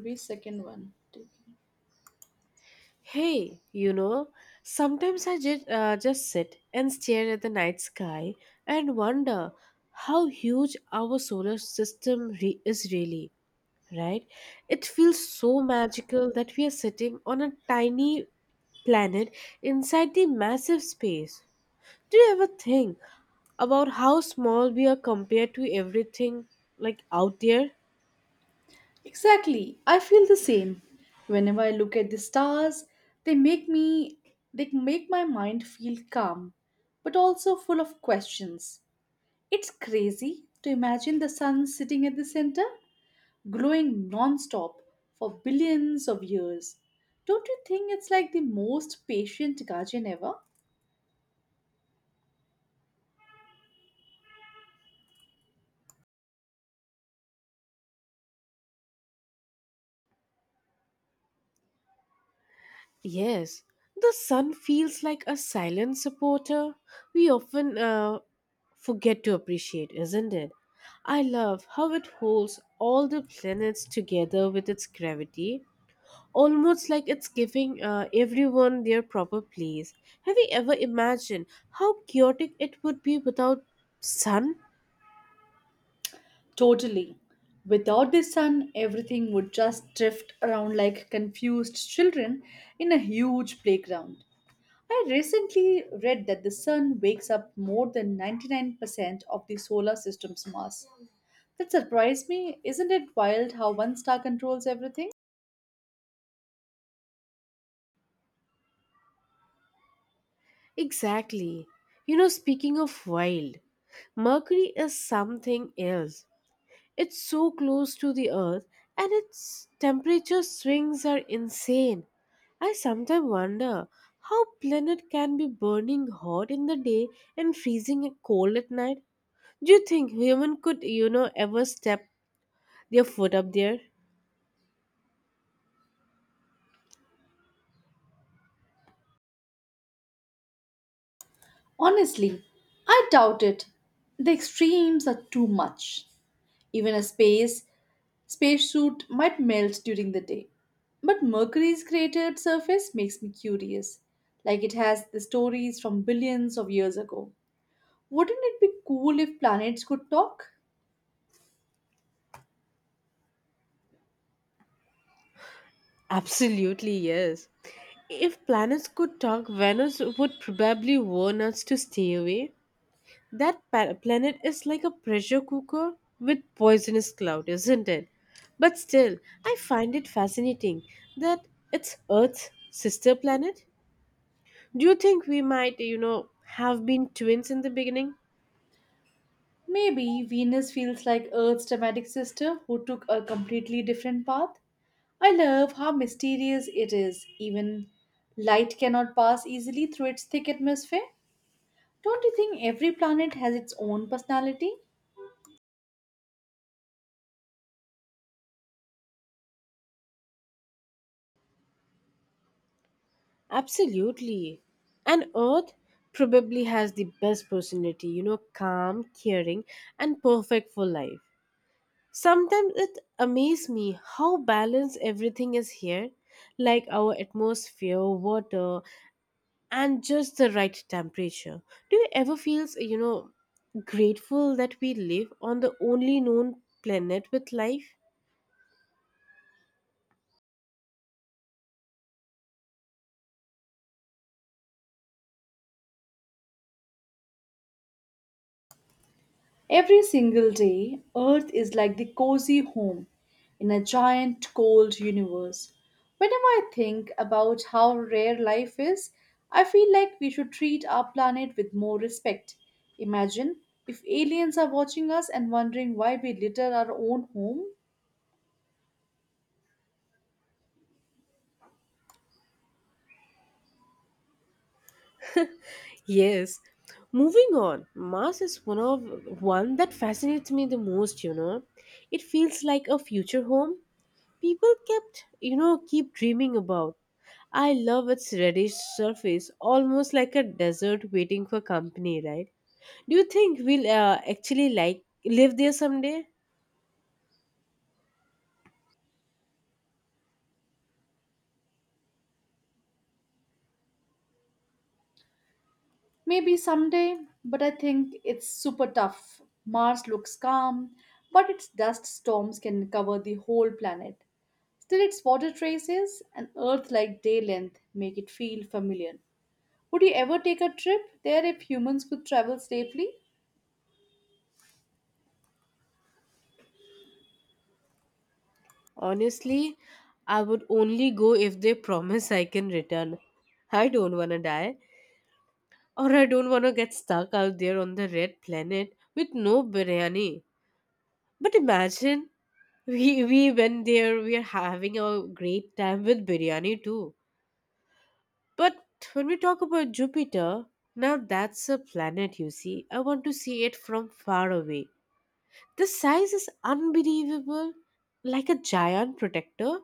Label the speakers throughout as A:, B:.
A: Every second one.
B: Hey, you know, sometimes I just sit and stare at the night sky and wonder how huge our solar system is really, right? It feels so magical that we are sitting on a tiny planet inside the massive space. Do you ever think about how small we are compared to everything like out there?
A: Exactly. I feel the same. Whenever I look at the stars, they make me they make my mind feel calm, but also full of questions. It's crazy to imagine the sun sitting at the center, glowing non-stop for billions of years. Don't you think it's like the most patient guardian ever?
B: Yes, the sun feels like a silent supporter we often forget to appreciate, isn't it? I love how it holds all the planets together with its gravity, almost like it's giving everyone their proper place. Have you ever imagined how chaotic it would be without sun?
A: Totally. Without the sun, everything would just drift around like confused children in a huge playground. I recently read that the sun wakes up more than 99% of the solar system's mass. That surprised me. Isn't it wild how one star controls everything?
B: Exactly. You know, speaking of wild, Mercury is something else. It's so close to the Earth and its temperature swings are insane. I sometimes wonder how planet can be burning hot in the day and freezing cold at night. Do you think human could, you know, ever step their foot up there?
A: Honestly, I doubt it. The extremes are too much. Even a space Spacesuit might melt during the day. But Mercury's cratered surface makes me curious, like it has the stories from billions of years ago. Wouldn't it be cool if planets could talk?
B: Absolutely yes. If planets could talk, Venus would probably warn us to stay away. That planet is like a pressure cooker with poisonous cloud, isn't it? But still, I find it fascinating that it's Earth's sister planet. Do you think we might, you know, have been twins in the beginning?
A: Maybe Venus feels like Earth's dramatic sister who took a completely different path. I love how mysterious it is. Even light cannot pass easily through its thick atmosphere. Don't you think every planet has its own personality?
B: Absolutely. And Earth probably has the best personality, you know, calm, caring, and perfect for life. Sometimes it amazes me how balanced everything is here, like our atmosphere, water, and just the right temperature. Do you ever feel, you know, grateful that we live on the only known planet with life?
A: Every single day, Earth is like the cozy home in a giant cold universe. Whenever I think about how rare life is, I feel like we should treat our planet with more respect. Imagine if aliens are watching us and wondering why we litter our own home.
B: Yes. Moving on, Mars is one that fascinates me the most, you know. It feels like a future home people keep dreaming about. I love its reddish surface, almost like a desert waiting for company, right? Do you think we'll actually like live there someday?
A: Maybe someday, but I think it's super tough. Mars looks calm, but its dust storms can cover the whole planet. Still, its water traces and Earth like day length make it feel familiar. Would you ever take a trip there if humans could travel safely?
B: Honestly, I would only go if they promise I can return. I don't wanna die, or I don't wanna get stuck out there on the red planet with no biryani. But imagine we went there, we are having a great time with biryani too. But when we talk about Jupiter, now that's a planet you see. I want to see it from far away. The size is unbelievable, like a giant protector.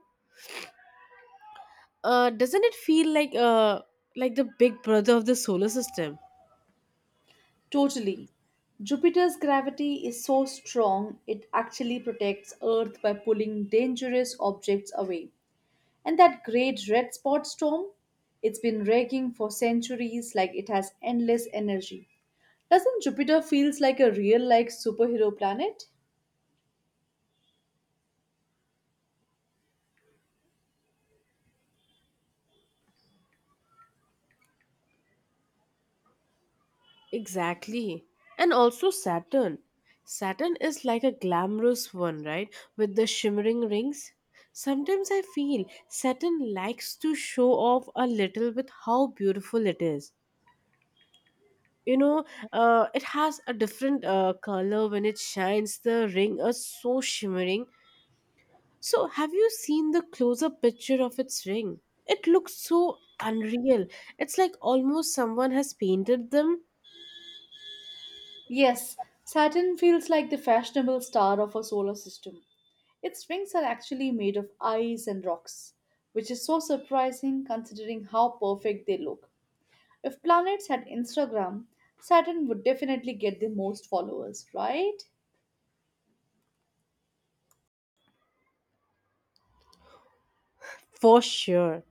B: Doesn't it feel like the big brother of the solar system?
A: Totally. Jupiter's gravity is so strong it actually protects Earth by pulling dangerous objects away. And that great red spot storm, it's been raging for centuries like it has endless energy. Doesn't Jupiter feels like a real like superhero planet?
B: Exactly. And also Saturn. Saturn is like a glamorous one, right? With the shimmering rings. Sometimes I feel Saturn likes to show off a little with how beautiful it is. You know, it has a different color when it shines. The ring is so shimmering. So, have you seen the close up picture of its ring? It looks so unreal. It's like almost someone has painted them
A: Yes, Saturn feels like the fashionable star of our solar system. Its rings are actually made of ice and rocks, which is so surprising considering how perfect they look. If planets had Instagram, Saturn would definitely get the most followers, right?
B: for sure.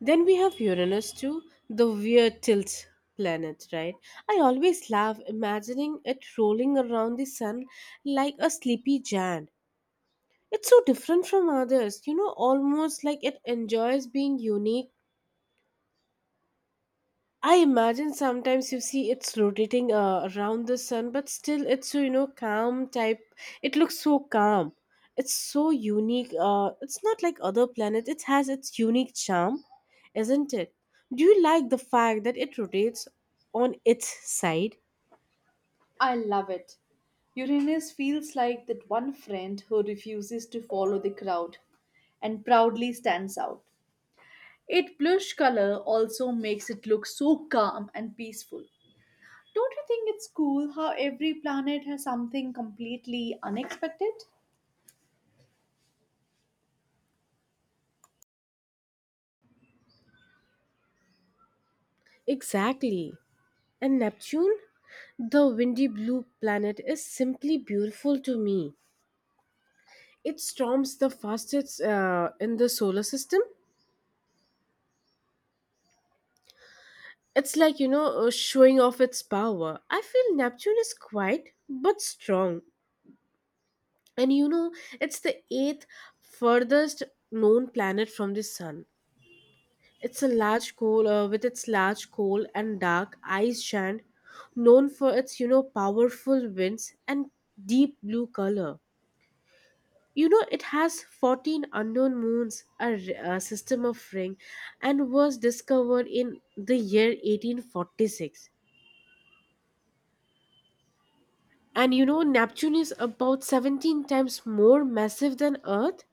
B: Then we have Uranus too, the weird tilt planet, right? I always laugh imagining it rolling around the sun like a sleepy giant. It's so different from others, you know, almost like it enjoys being unique. I imagine sometimes you see it's rotating around the sun, but still it's so you know calm type. It looks so calm. It's so unique. It's not like other planets. It has its unique charm, isn't it? Do you like the fact that it rotates on its side?
A: I love it. Uranus feels like that one friend who refuses to follow the crowd and proudly stands out. Its blush color also makes it look so calm and peaceful. Don't you think it's cool how every planet has something completely unexpected?
B: Exactly. And Neptune, the windy blue planet, is simply beautiful to me. It storms the fastest in the solar system. It's like, you know, showing off its power. I feel Neptune is quiet but strong. And you know, it's the eighth furthest known planet from the sun. It's a large coal and dark ice giant known for its, you know, powerful winds and deep blue color. You know, it has 14 unknown moons, a system of ring, and was discovered in the year 1846. And you know, Neptune is about 17 times more massive than Earth?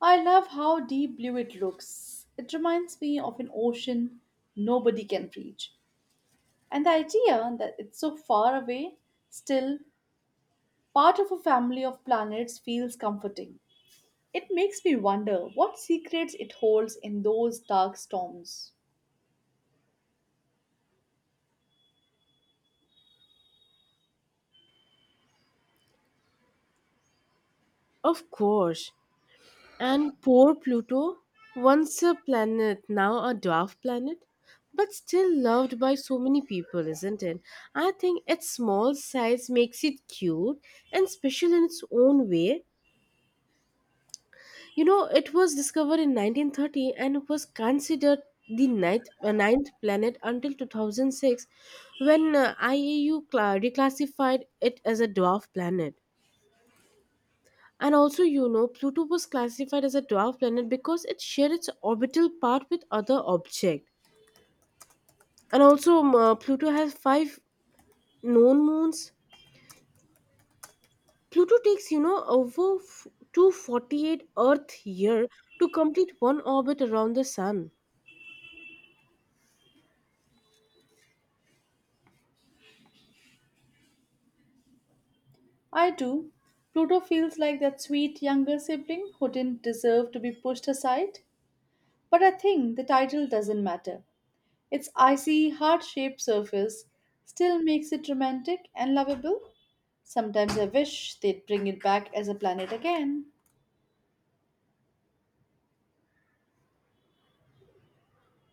A: I love how deep blue it looks. It reminds me of an ocean nobody can reach. And the idea that it's so far away, still part of a family of planets, feels comforting. It makes me wonder what secrets it holds in those dark storms.
B: Of course. And poor Pluto, once a planet, now a dwarf planet, but still loved by so many people, isn't it? I think its small size makes it cute and special in its own way. You know, it was discovered in 1930 and was considered the ninth planet until 2006 when IAU reclassified it as a dwarf planet. And also, you know, Pluto was classified as a dwarf planet because it shared its orbital part with other objects. And also, Pluto has five known moons. Pluto takes, you know, 248 Earth year to complete one orbit around the Sun.
A: I do. Pluto feels like that sweet younger sibling who didn't deserve to be pushed aside. But I think the title doesn't matter. Its icy, heart shaped surface still makes it romantic and lovable. Sometimes I wish they'd bring it back as a planet again.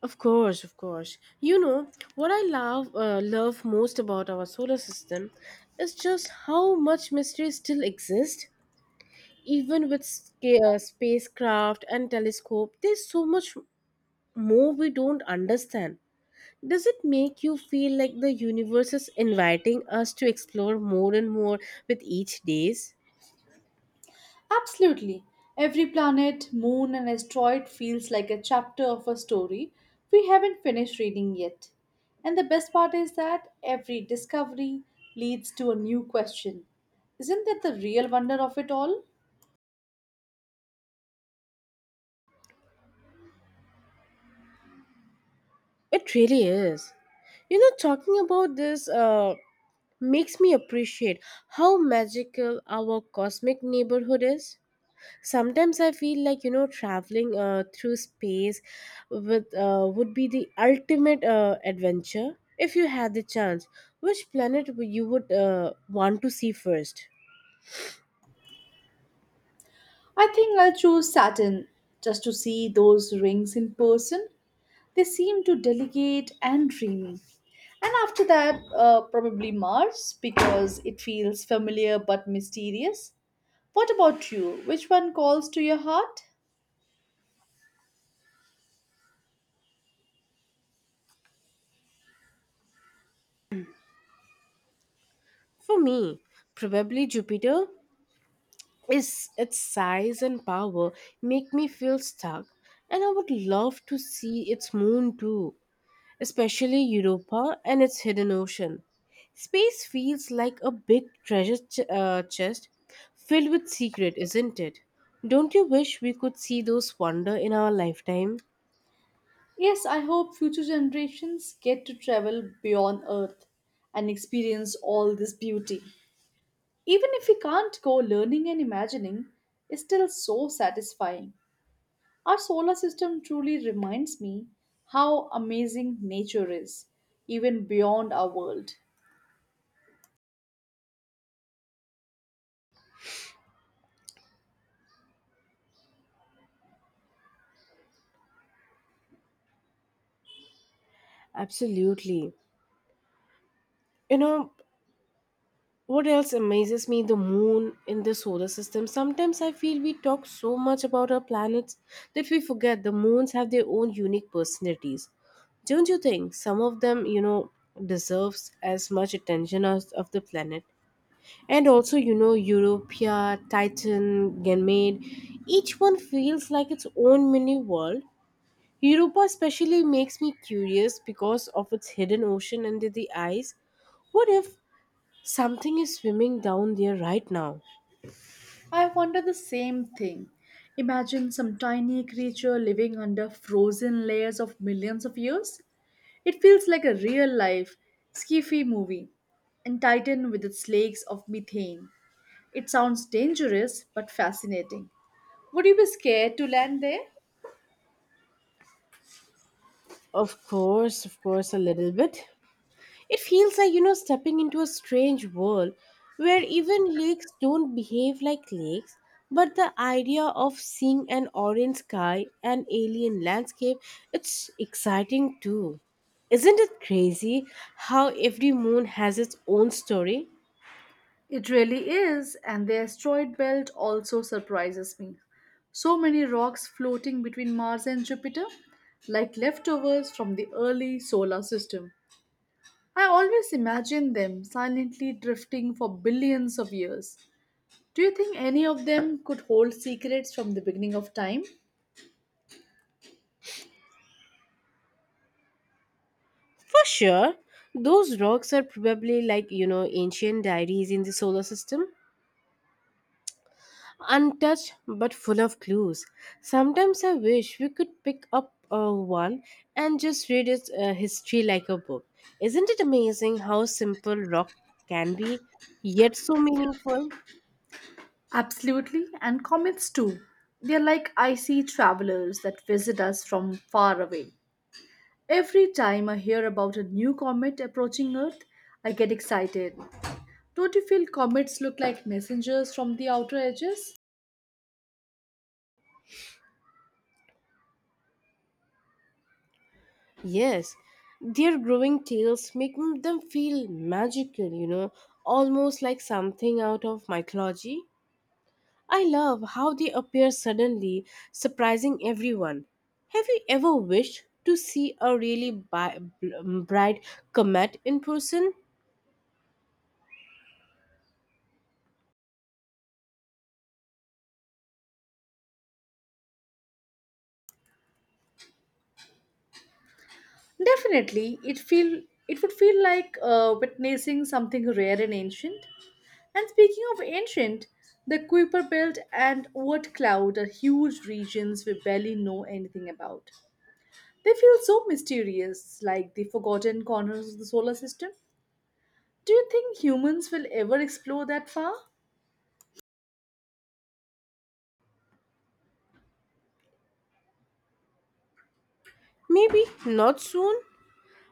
B: Of course, of course. You know what I love most about our solar system is just how much mystery still exists. Even with spacecraft and telescope, there's so much more we don't understand. Does it make you feel like the universe is inviting us to explore more and more with each days?
A: Absolutely. Every planet, moon, and asteroid feels like a chapter of a story we haven't finished reading yet. And the best part is that every discovery leads to a new question. Isn't that the real wonder of it all?
B: It really is. You know, talking about this. Makes me appreciate how magical our cosmic neighborhood is. Sometimes I feel like you know traveling through space with would be the ultimate adventure if you had the chance. Which planet would you would want to see first?
A: I think I'll choose Saturn just to see those rings in person. They seem to delicate and dreamy. And after that, probably Mars because it feels familiar but mysterious. What about you? Which one calls to your heart?
B: For me, probably Jupiter. Is its size and power make me feel stuck? And I would love to see its moon too, especially Europa and its hidden ocean. Space feels like a big treasure chest filled with secret, isn't it? Don't you wish we could see those wonder in our lifetime?
A: Yes, I hope future generations get to travel beyond Earth and experience all this beauty. Even if we can't go learning and imagining, it's still so satisfying. Our solar system truly reminds me how amazing nature is, even beyond our world.
B: Absolutely. You know, what else amazes me? The moon in the solar system. Sometimes I feel we talk so much about our planets that we forget the moons have their own unique personalities. Don't you think some of them, you know, deserves as much attention as of the planet? And also, you know, Europea, Titan, Ganymede, each one feels like its own mini world. Europa especially makes me curious because of its hidden ocean under the ice. What if something is swimming down there right now?
A: I wonder the same thing. Imagine some tiny creature living under frozen layers of millions of years. It feels like a real life sci-fi movie, and Titan with its lakes of methane. It sounds dangerous but fascinating. Would you be scared to land there?
B: Of course, a little bit. It feels like, you know, stepping into a strange world where even lakes don't behave like lakes, but the idea of seeing an orange sky and alien landscape, it's exciting too. Isn't it crazy how every moon has its own story?
A: It really is, and the asteroid belt also surprises me. So many rocks floating between Mars and Jupiter, like leftovers from the early solar system. I always imagine them silently drifting for billions of years. Do you think any of them could hold secrets from the beginning of time?
B: For sure, those rocks are probably like, you know, ancient diaries in the solar system, untouched but full of clues. Sometimes I wish we could pick up one and just read its history like a book. Isn't it amazing how simple rock can be, yet so meaningful?
A: Absolutely, and comets too. They are like icy travelers that visit us from far away. Every time I hear about a new comet approaching Earth, I get excited. Don't you feel comets look like messengers from the outer edges?
B: Yes, their growing tales make them feel magical, you know, almost like something out of mythology. I love how they appear suddenly, surprising everyone. Have you ever wished to see a really bright comet in person?
A: Definitely, it would feel like witnessing something rare and ancient. And speaking of ancient, the Kuiper Belt and Oort Cloud are huge regions we barely know anything about. They feel so mysterious, like the forgotten corners of the solar system. Do you think humans will ever explore that far?
B: Maybe not soon,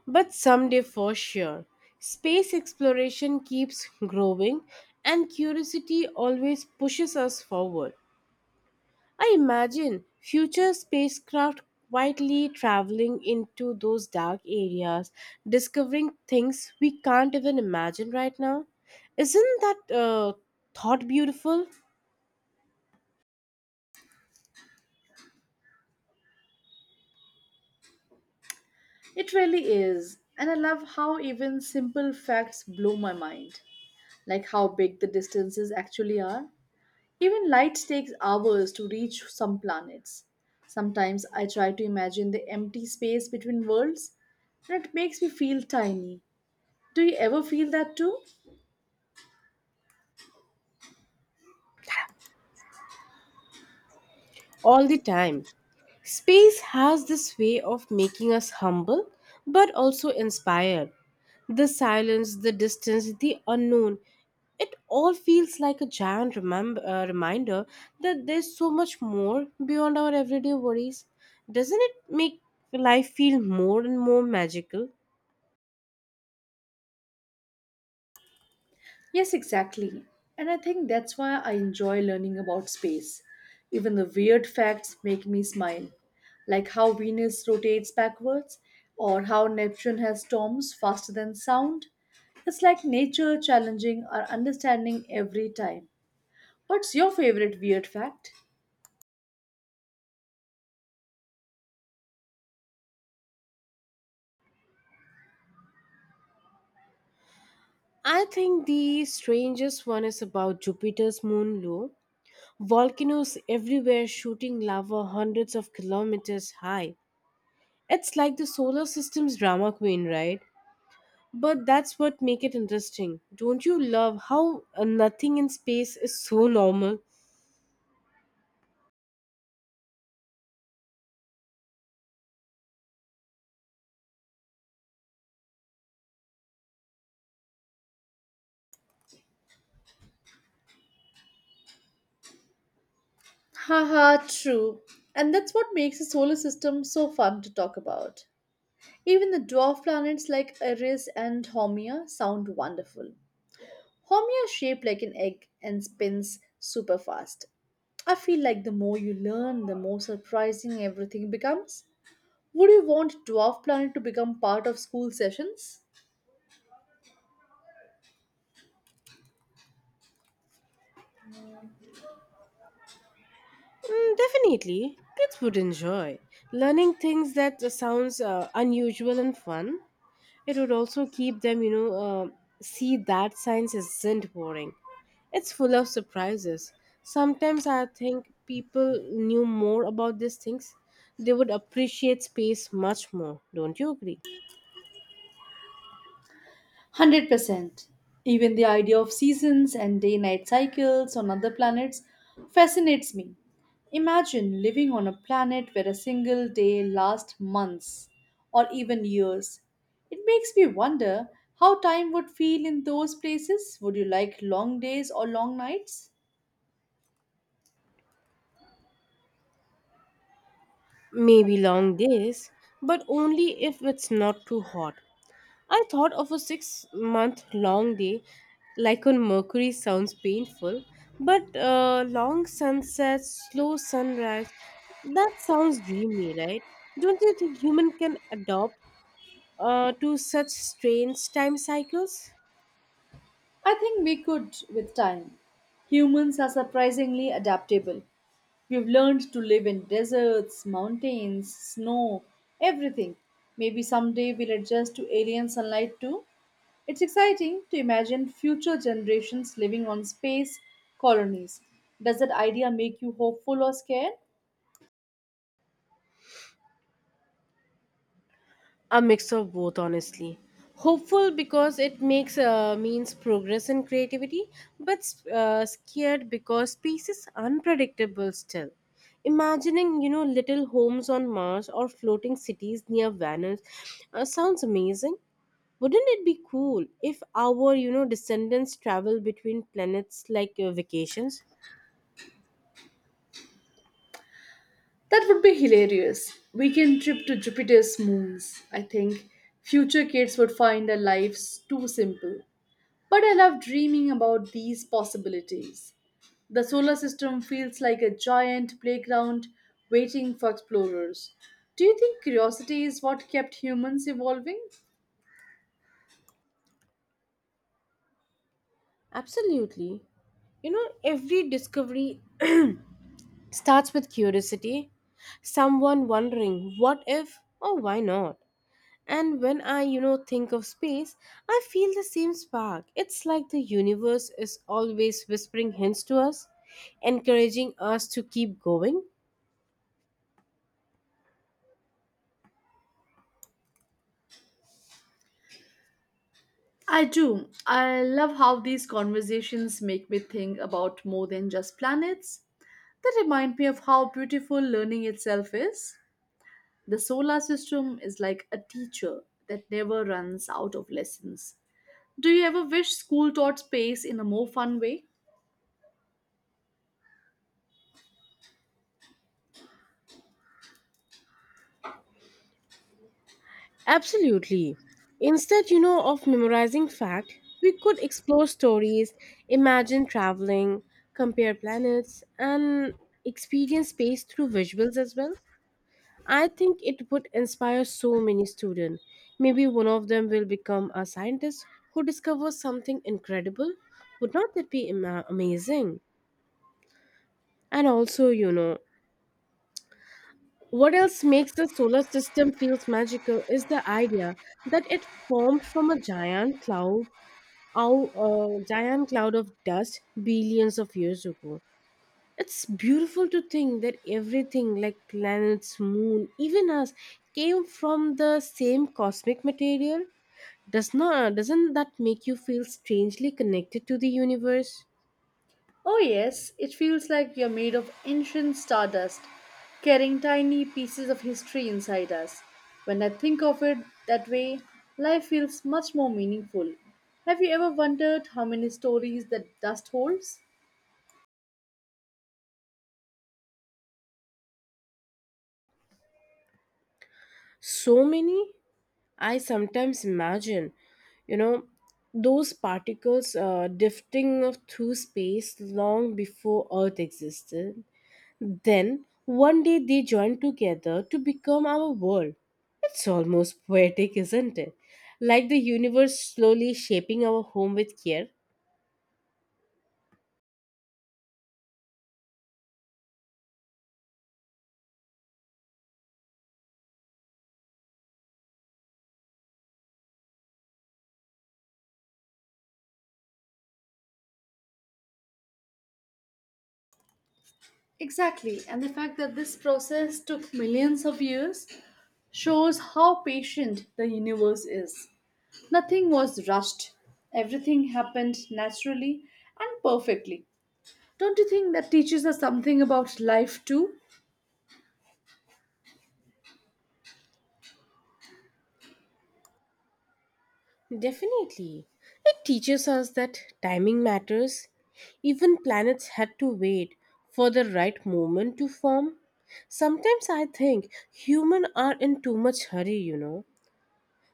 B: but someday for sure. Space exploration keeps growing, and curiosity always pushes us forward. I imagine future spacecraft quietly traveling into those dark areas, discovering things we can't even imagine right now. Isn't that thought beautiful?
A: It really is, and I love how even simple facts blow my mind, like how big the distances actually are. Even light takes hours to reach some planets. Sometimes I try to imagine the empty space between worlds, and it makes me feel tiny. Do you ever feel that too?
B: All the time. Space has this way of making us humble but also inspired. The silence, the distance, the unknown, it all feels like a giant reminder that there's so much more beyond our everyday worries. Doesn't it make life feel more and more magical?
A: Yes, exactly. And I think that's why I enjoy learning about space. Even the weird facts make me smile, like how Venus rotates backwards or how Neptune has storms faster than sound. It's like nature challenging our understanding every time. What's your favorite weird fact?
B: I think the strangest one is about Jupiter's moon low. Volcanoes everywhere shooting lava hundreds of kilometers high. It's like the solar system's drama queen, right? But that's what make it interesting. Don't you love how nothing in space is so normal?
A: Haha, true. And that's what makes the solar system so fun to talk about. Even the dwarf planets like Eris and Haumea sound wonderful. Haumea is shaped like an egg and spins super fast. I feel like the more you learn, the more surprising everything becomes. Would you want dwarf planet to become part of school sessions?
B: Mm, definitely. Kids would enjoy learning things that sounds unusual and fun. It would also keep them, see that science isn't boring. It's full of surprises. Sometimes I think people knew more about these things, they would appreciate space much more. Don't you agree?
A: 100%. Even the idea of seasons and day night cycles on other planets fascinates me. Imagine living on a planet where a single day lasts months or even years. It makes me wonder how time would feel in those places. Would you like long days or long nights?
B: Maybe long days, but only if it's not too hot. I thought of a 6-month long day, like on Mercury sounds painful, but long sunsets, slow sunrise, that sounds dreamy, right? Don't you think human can adopt to such strange time cycles?
A: I think we could with time. Humans are surprisingly adaptable. We've learned to live in deserts, mountains, snow, everything. Maybe someday we'll adjust to alien sunlight too. It's exciting to imagine future generations living on space colonies. Does that idea make you hopeful or scared?
B: A mix of both, honestly. Hopeful because it makes means progress and creativity, but scared because space is unpredictable still. Imagining, you know, little homes on Mars or floating cities near Venus sounds amazing. Wouldn't it be cool if our, you know, descendants travel between planets like vacations?
A: That would be hilarious. Weekend trip to Jupiter's moons. I think future kids would find our lives too simple. But I love dreaming about these possibilities. The solar system feels like a giant playground waiting for explorers. Do you think curiosity is what kept humans evolving?
B: Absolutely. You know, every discovery starts with curiosity, someone wondering, what if, or why not? And when I, you know, think of space, I feel the same spark. It's like the universe is always whispering hints to us, encouraging us to keep going.
A: I do. I love how these conversations make me think about more than just planets. They remind me of how beautiful learning itself is. The solar system is like a teacher that never runs out of lessons. Do you ever wish school taught space in a more fun way?
B: Absolutely. Instead, you know, of memorizing fact, we could explore stories, imagine traveling, compare planets, and experience space through visuals as well. I think it would inspire so many students. Maybe one of them will become a scientist who discovers something incredible. Would not that be amazing? And also, what else makes the solar system feels magical is the idea that it formed from a giant cloud, our giant cloud of dust billions of years ago. It's beautiful to think that everything, like planets, moon, even us, came from the same cosmic material. Doesn't that make you feel strangely connected to the universe?
A: Oh, yes, it feels like we are made of ancient stardust, carrying tiny pieces of history inside us. When I think of it that way, life feels much more meaningful. Have you ever wondered how many stories that dust holds?
B: So many, I sometimes imagine, you know, those particles drifting of through space long before Earth existed. Then one day they join together to become our world. It's almost poetic, isn't it? Like the universe slowly shaping our home with care.
A: Exactly, and the fact that this process took millions of years shows how patient the universe is. Nothing was rushed, everything happened naturally and perfectly. Don't you think that teaches us something about life too?
B: Definitely. It teaches us that timing matters. Even planets had to wait for the right moment to form. Sometimes I think humans are in too much hurry.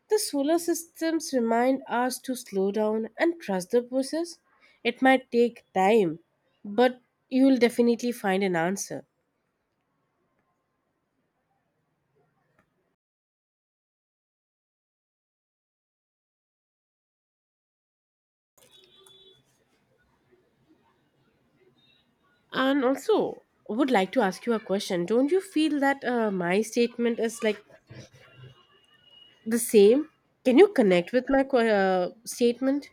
B: The solar systems remind us to slow down and trust the process. It might take time, but you will definitely find an answer. And also, I would like to ask you a question. Don't you feel that my statement is like the same? Can you connect with my statement?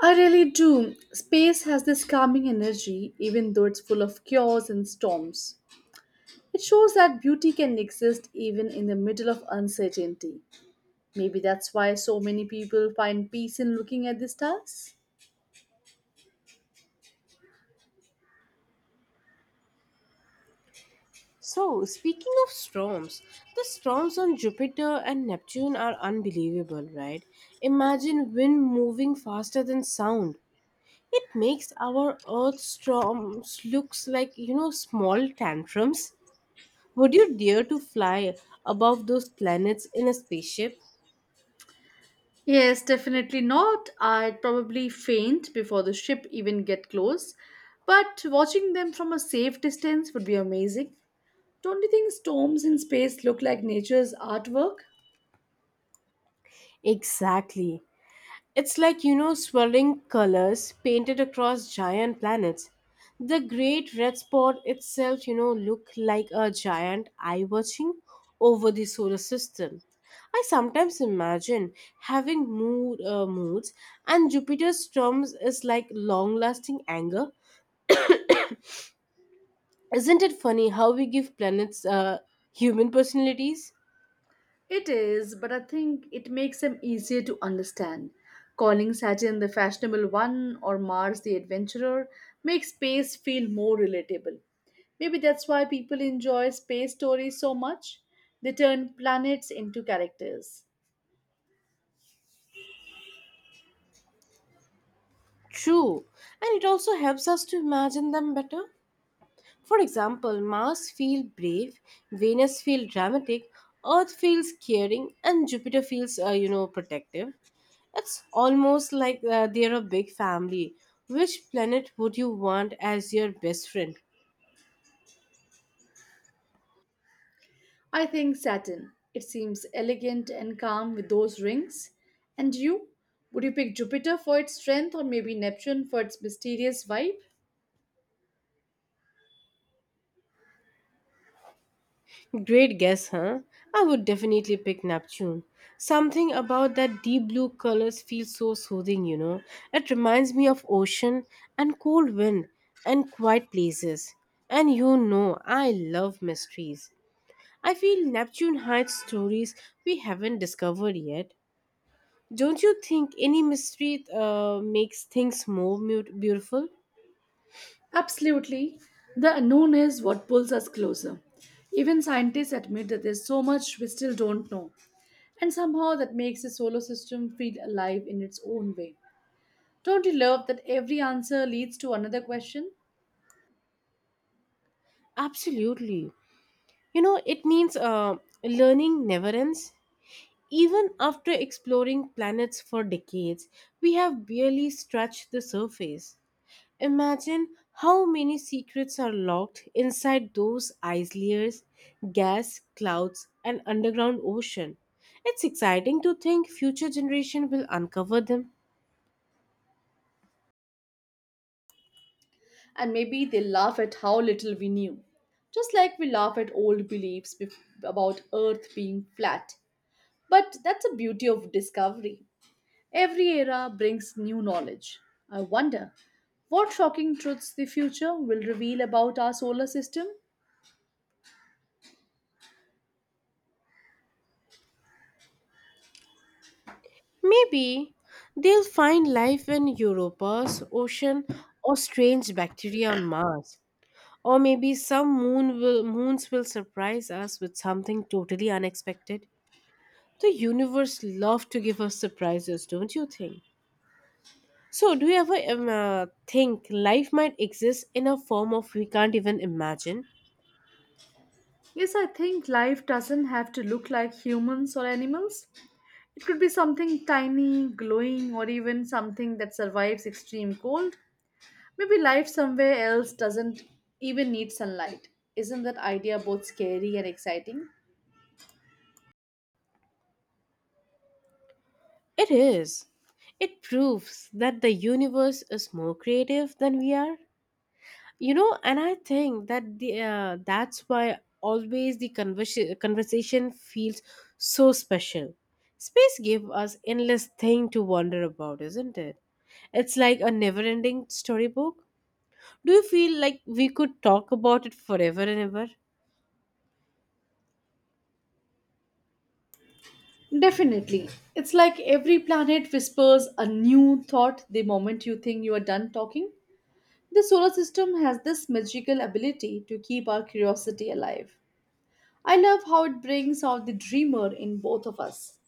A: I really do. Space has this calming energy, even though it's full of chaos and storms. It shows that beauty can exist even in the middle of uncertainty. Maybe that's why so many people find peace in looking at the stars.
B: So, speaking of storms, the storms on Jupiter and Neptune are unbelievable, right? Imagine wind moving faster than sound. It makes our Earth storms looks like small tantrums. Would you dare to fly above those planets in a spaceship?
A: Yes, definitely not. I'd probably faint before the ship even get close. But watching them from a safe distance would be amazing. Don't you think storms in space look like nature's artwork?
B: Exactly. It's like, swirling colors painted across giant planets. The Great Red Spot itself, look like a giant eye watching over the solar system. I sometimes imagine having moods, and Jupiter's storms is like long-lasting anger. Isn't it funny how we give planets human personalities?
A: It is, but I think it makes him easier to understand. Calling Saturn the fashionable one or Mars the adventurer makes space feel more relatable. Maybe that's why people enjoy space stories so much. They turn planets into characters.
B: True, and it also helps us to imagine them better. For example, Mars feels brave, Venus feels dramatic, Earth feels caring, and Jupiter feels protective. It's almost like they're a big family. Which planet would you want as your best friend?
A: I think Saturn. It seems elegant and calm with those rings. And you? Would you pick Jupiter for its strength or maybe Neptune for its mysterious vibe?
B: Great guess, huh? I would definitely pick Neptune. Something about that deep blue colors feels so soothing. It reminds me of ocean and cold wind and quiet places. And I love mysteries. I feel Neptune hides stories we haven't discovered yet. Don't you think any mystery makes things more beautiful?
A: Absolutely. The unknown is what pulls us closer. Even scientists admit that there's so much we still don't know. And somehow that makes the solar system feel alive in its own way. Don't you love that every answer leads to another question?
B: Absolutely. It means learning never ends. Even after exploring planets for decades, we have barely scratched the surface. Imagine how many secrets are locked inside those ice layers, gas, clouds, and underground ocean. It's exciting to think future generation will uncover them.
A: And maybe they laugh at how little we knew. Just like we laugh at old about Earth being flat. But that's the beauty of discovery. Every era brings new knowledge. I wonder what shocking truths the future will reveal about our solar system.
B: Maybe they'll find life in Europa's ocean or strange bacteria on Mars. Or maybe some moons will surprise us with something totally unexpected. The universe loves to give us surprises, don't you think? So, do you ever think life might exist in a form of we can't even imagine?
A: Yes, I think life doesn't have to look like humans or animals. It could be something tiny, glowing, or even something that survives extreme cold. Maybe life somewhere else doesn't even need sunlight. Isn't that idea both scary and exciting?
B: It is. It proves that the universe is more creative than we are. And I think that the that's why always the conversation feels so special. Space gave us endless thing to wonder about, isn't it? It's like a never-ending storybook. Do you feel like we could talk about it forever and ever?
A: Definitely. It's like every planet whispers a new thought the moment you think you are done talking. The solar system has this magical ability to keep our curiosity alive. I love how it brings out the dreamer in both of us.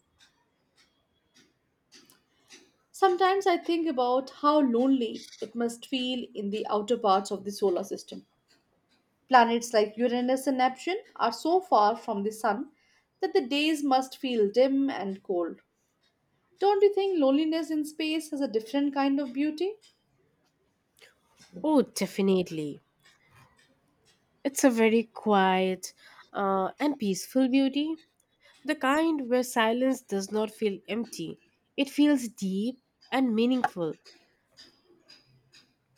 A: Sometimes I think about how lonely it must feel in the outer parts of the solar system. Planets like Uranus and Neptune are so far from the sun that the days must feel dim and cold. Don't you think loneliness in space has a different kind of beauty?
B: Oh, definitely. It's a very quiet and peaceful beauty. The kind where silence does not feel empty, it feels deep and meaningful.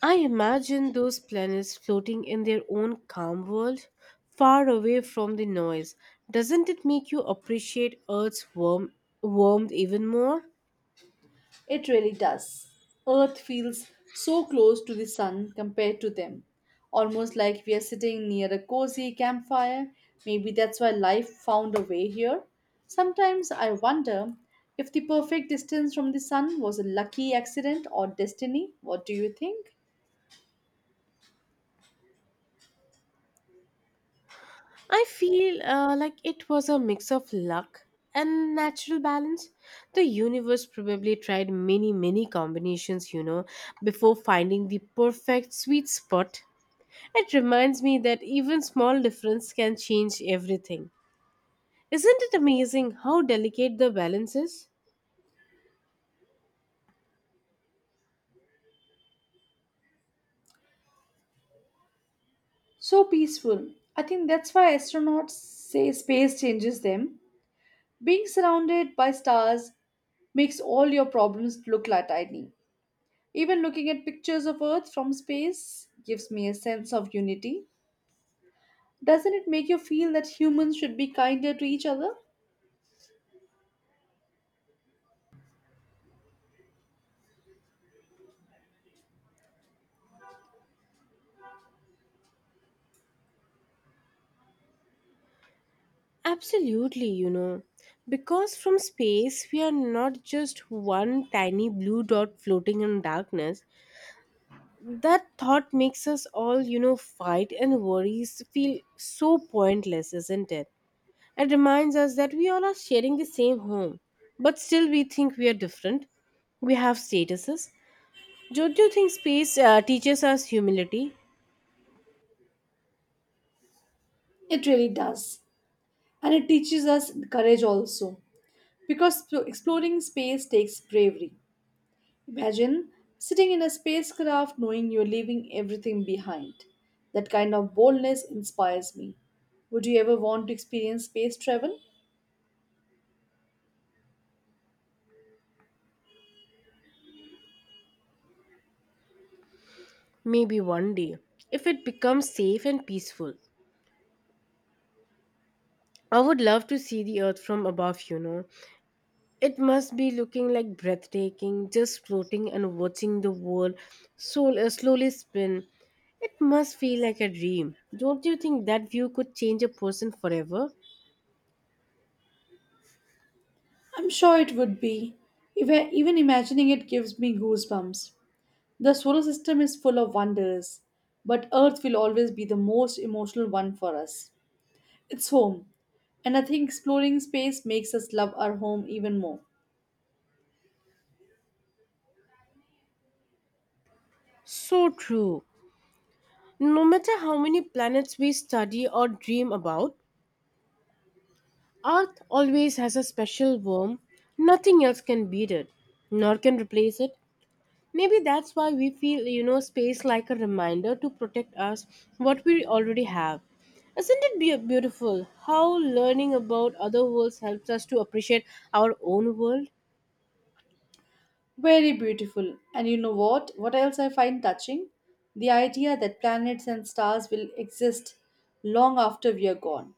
B: I imagine those planets floating in their own calm world, far away from the noise. Doesn't it make you appreciate Earth's warmth even more?
A: It really does. Earth feels so close to the sun compared to them, almost like we are sitting near a cozy campfire. Maybe that's why life found a way here. Sometimes I wonder if the perfect distance from the sun was a lucky accident or destiny. What do you think?
B: I feel like it was a mix of luck and natural balance. The universe probably tried many, many combinations, before finding the perfect sweet spot. It reminds me that even small difference can change everything. Isn't it amazing how delicate the balance is?
A: So peaceful. I think that's why astronauts say space changes them. Being surrounded by stars makes all your problems look like tiny. Even looking at pictures of Earth from space gives me a sense of unity. Doesn't it make you feel that humans should be kinder to each other?
B: Absolutely, because from space we are not just one tiny blue dot floating in darkness. That thought makes us all, fight and worries feel so pointless, isn't it? It reminds us that we all are sharing the same home, but still we think we are different. We have statuses. Don't you think space teaches us humility?
A: It really does. And it teaches us courage also. Because exploring space takes bravery. Imagine sitting in a spacecraft knowing you're leaving everything behind. That kind of boldness inspires me. Would you ever want to experience space travel?
B: Maybe one day, if it becomes safe and peaceful. I would love to see the Earth from above. It must be looking like breathtaking, just floating and watching the world so, slowly spin. It must feel like a dream. Don't you think that view could change a person forever?
A: I'm sure it would be. If I- Even imagining it gives me goosebumps. The solar system is full of wonders, but Earth will always be the most emotional one for us. It's home, and I think exploring space makes us love our home even more.
B: So true. No matter how many planets we study or dream about, Earth always has a special warmth. Nothing else can beat it, nor can replace it. Maybe that's why we feel, space like a reminder to protect us what we already have. Isn't it beautiful how learning about other worlds helps us to appreciate our own world?
A: Very beautiful. And you know what? What else I find touching? The idea that planets and stars will exist long after we are gone.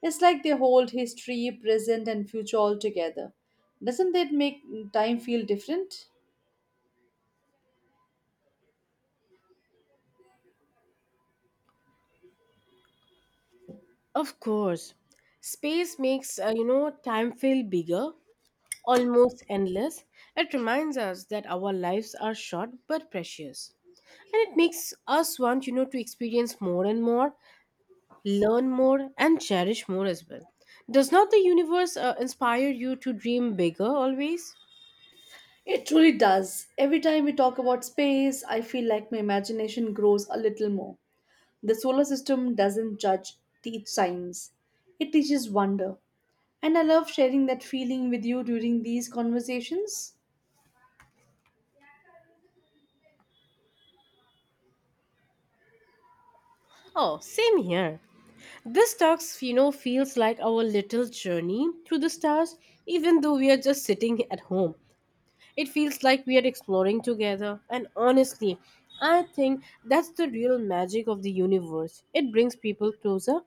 A: It's like they hold history, present, and future all together. Doesn't that make time feel different?
B: Of course, space makes time feel bigger, almost endless. It reminds us that our lives are short but precious. And it makes us want, to experience more and more, learn more, and cherish more as well. Does not the universe inspire you to dream bigger always?
A: It truly does. Every time we talk about space, I feel like my imagination grows a little more. The solar system doesn't judge, teach science, it teaches wonder. And I love sharing that feeling with you during these conversations.
B: Oh, same here. This talks, feels like our little journey through the stars, even though we are just sitting at home. It feels like we are exploring together, and honestly, I think that's the real magic of the universe. It brings people closer.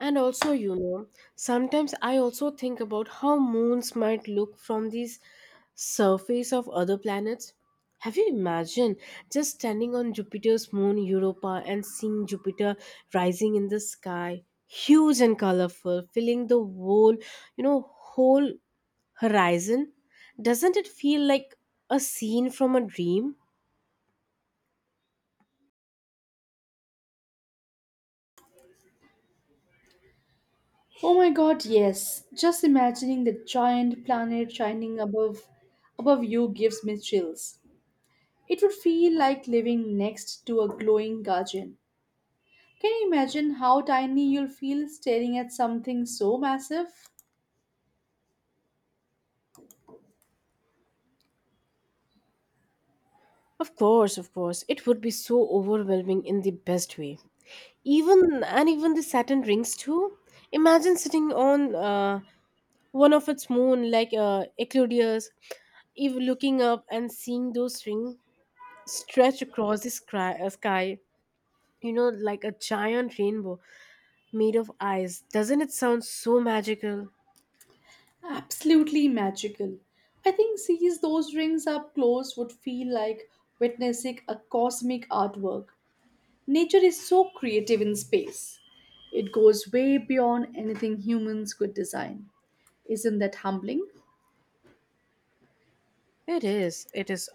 B: And also, sometimes I also think about how moons might look from these surface of other planets. Have you imagined just standing on Jupiter's moon Europa and seeing Jupiter rising in the sky, huge and colorful, filling the whole, you know, whole horizon? Doesn't it feel like a scene from a dream?
A: Oh my god, yes. Just imagining the giant planet shining above you gives me chills. It would feel like living next to a glowing guardian. Can you imagine how tiny you'll feel staring at something so massive?
B: Of course, of course. It would be so overwhelming in the best way. Even and even the Saturn rings too. Imagine sitting on one of its moon like Eclodius if looking up and seeing those rings stretch across the sky like a giant rainbow made of ice. Doesn't it sound so magical?
A: Absolutely magical. I think sees those rings up close would feel like witnessing a cosmic artwork. Nature is so creative in space. It goes way beyond anything humans could design. Isn't that humbling?
B: It is, it is.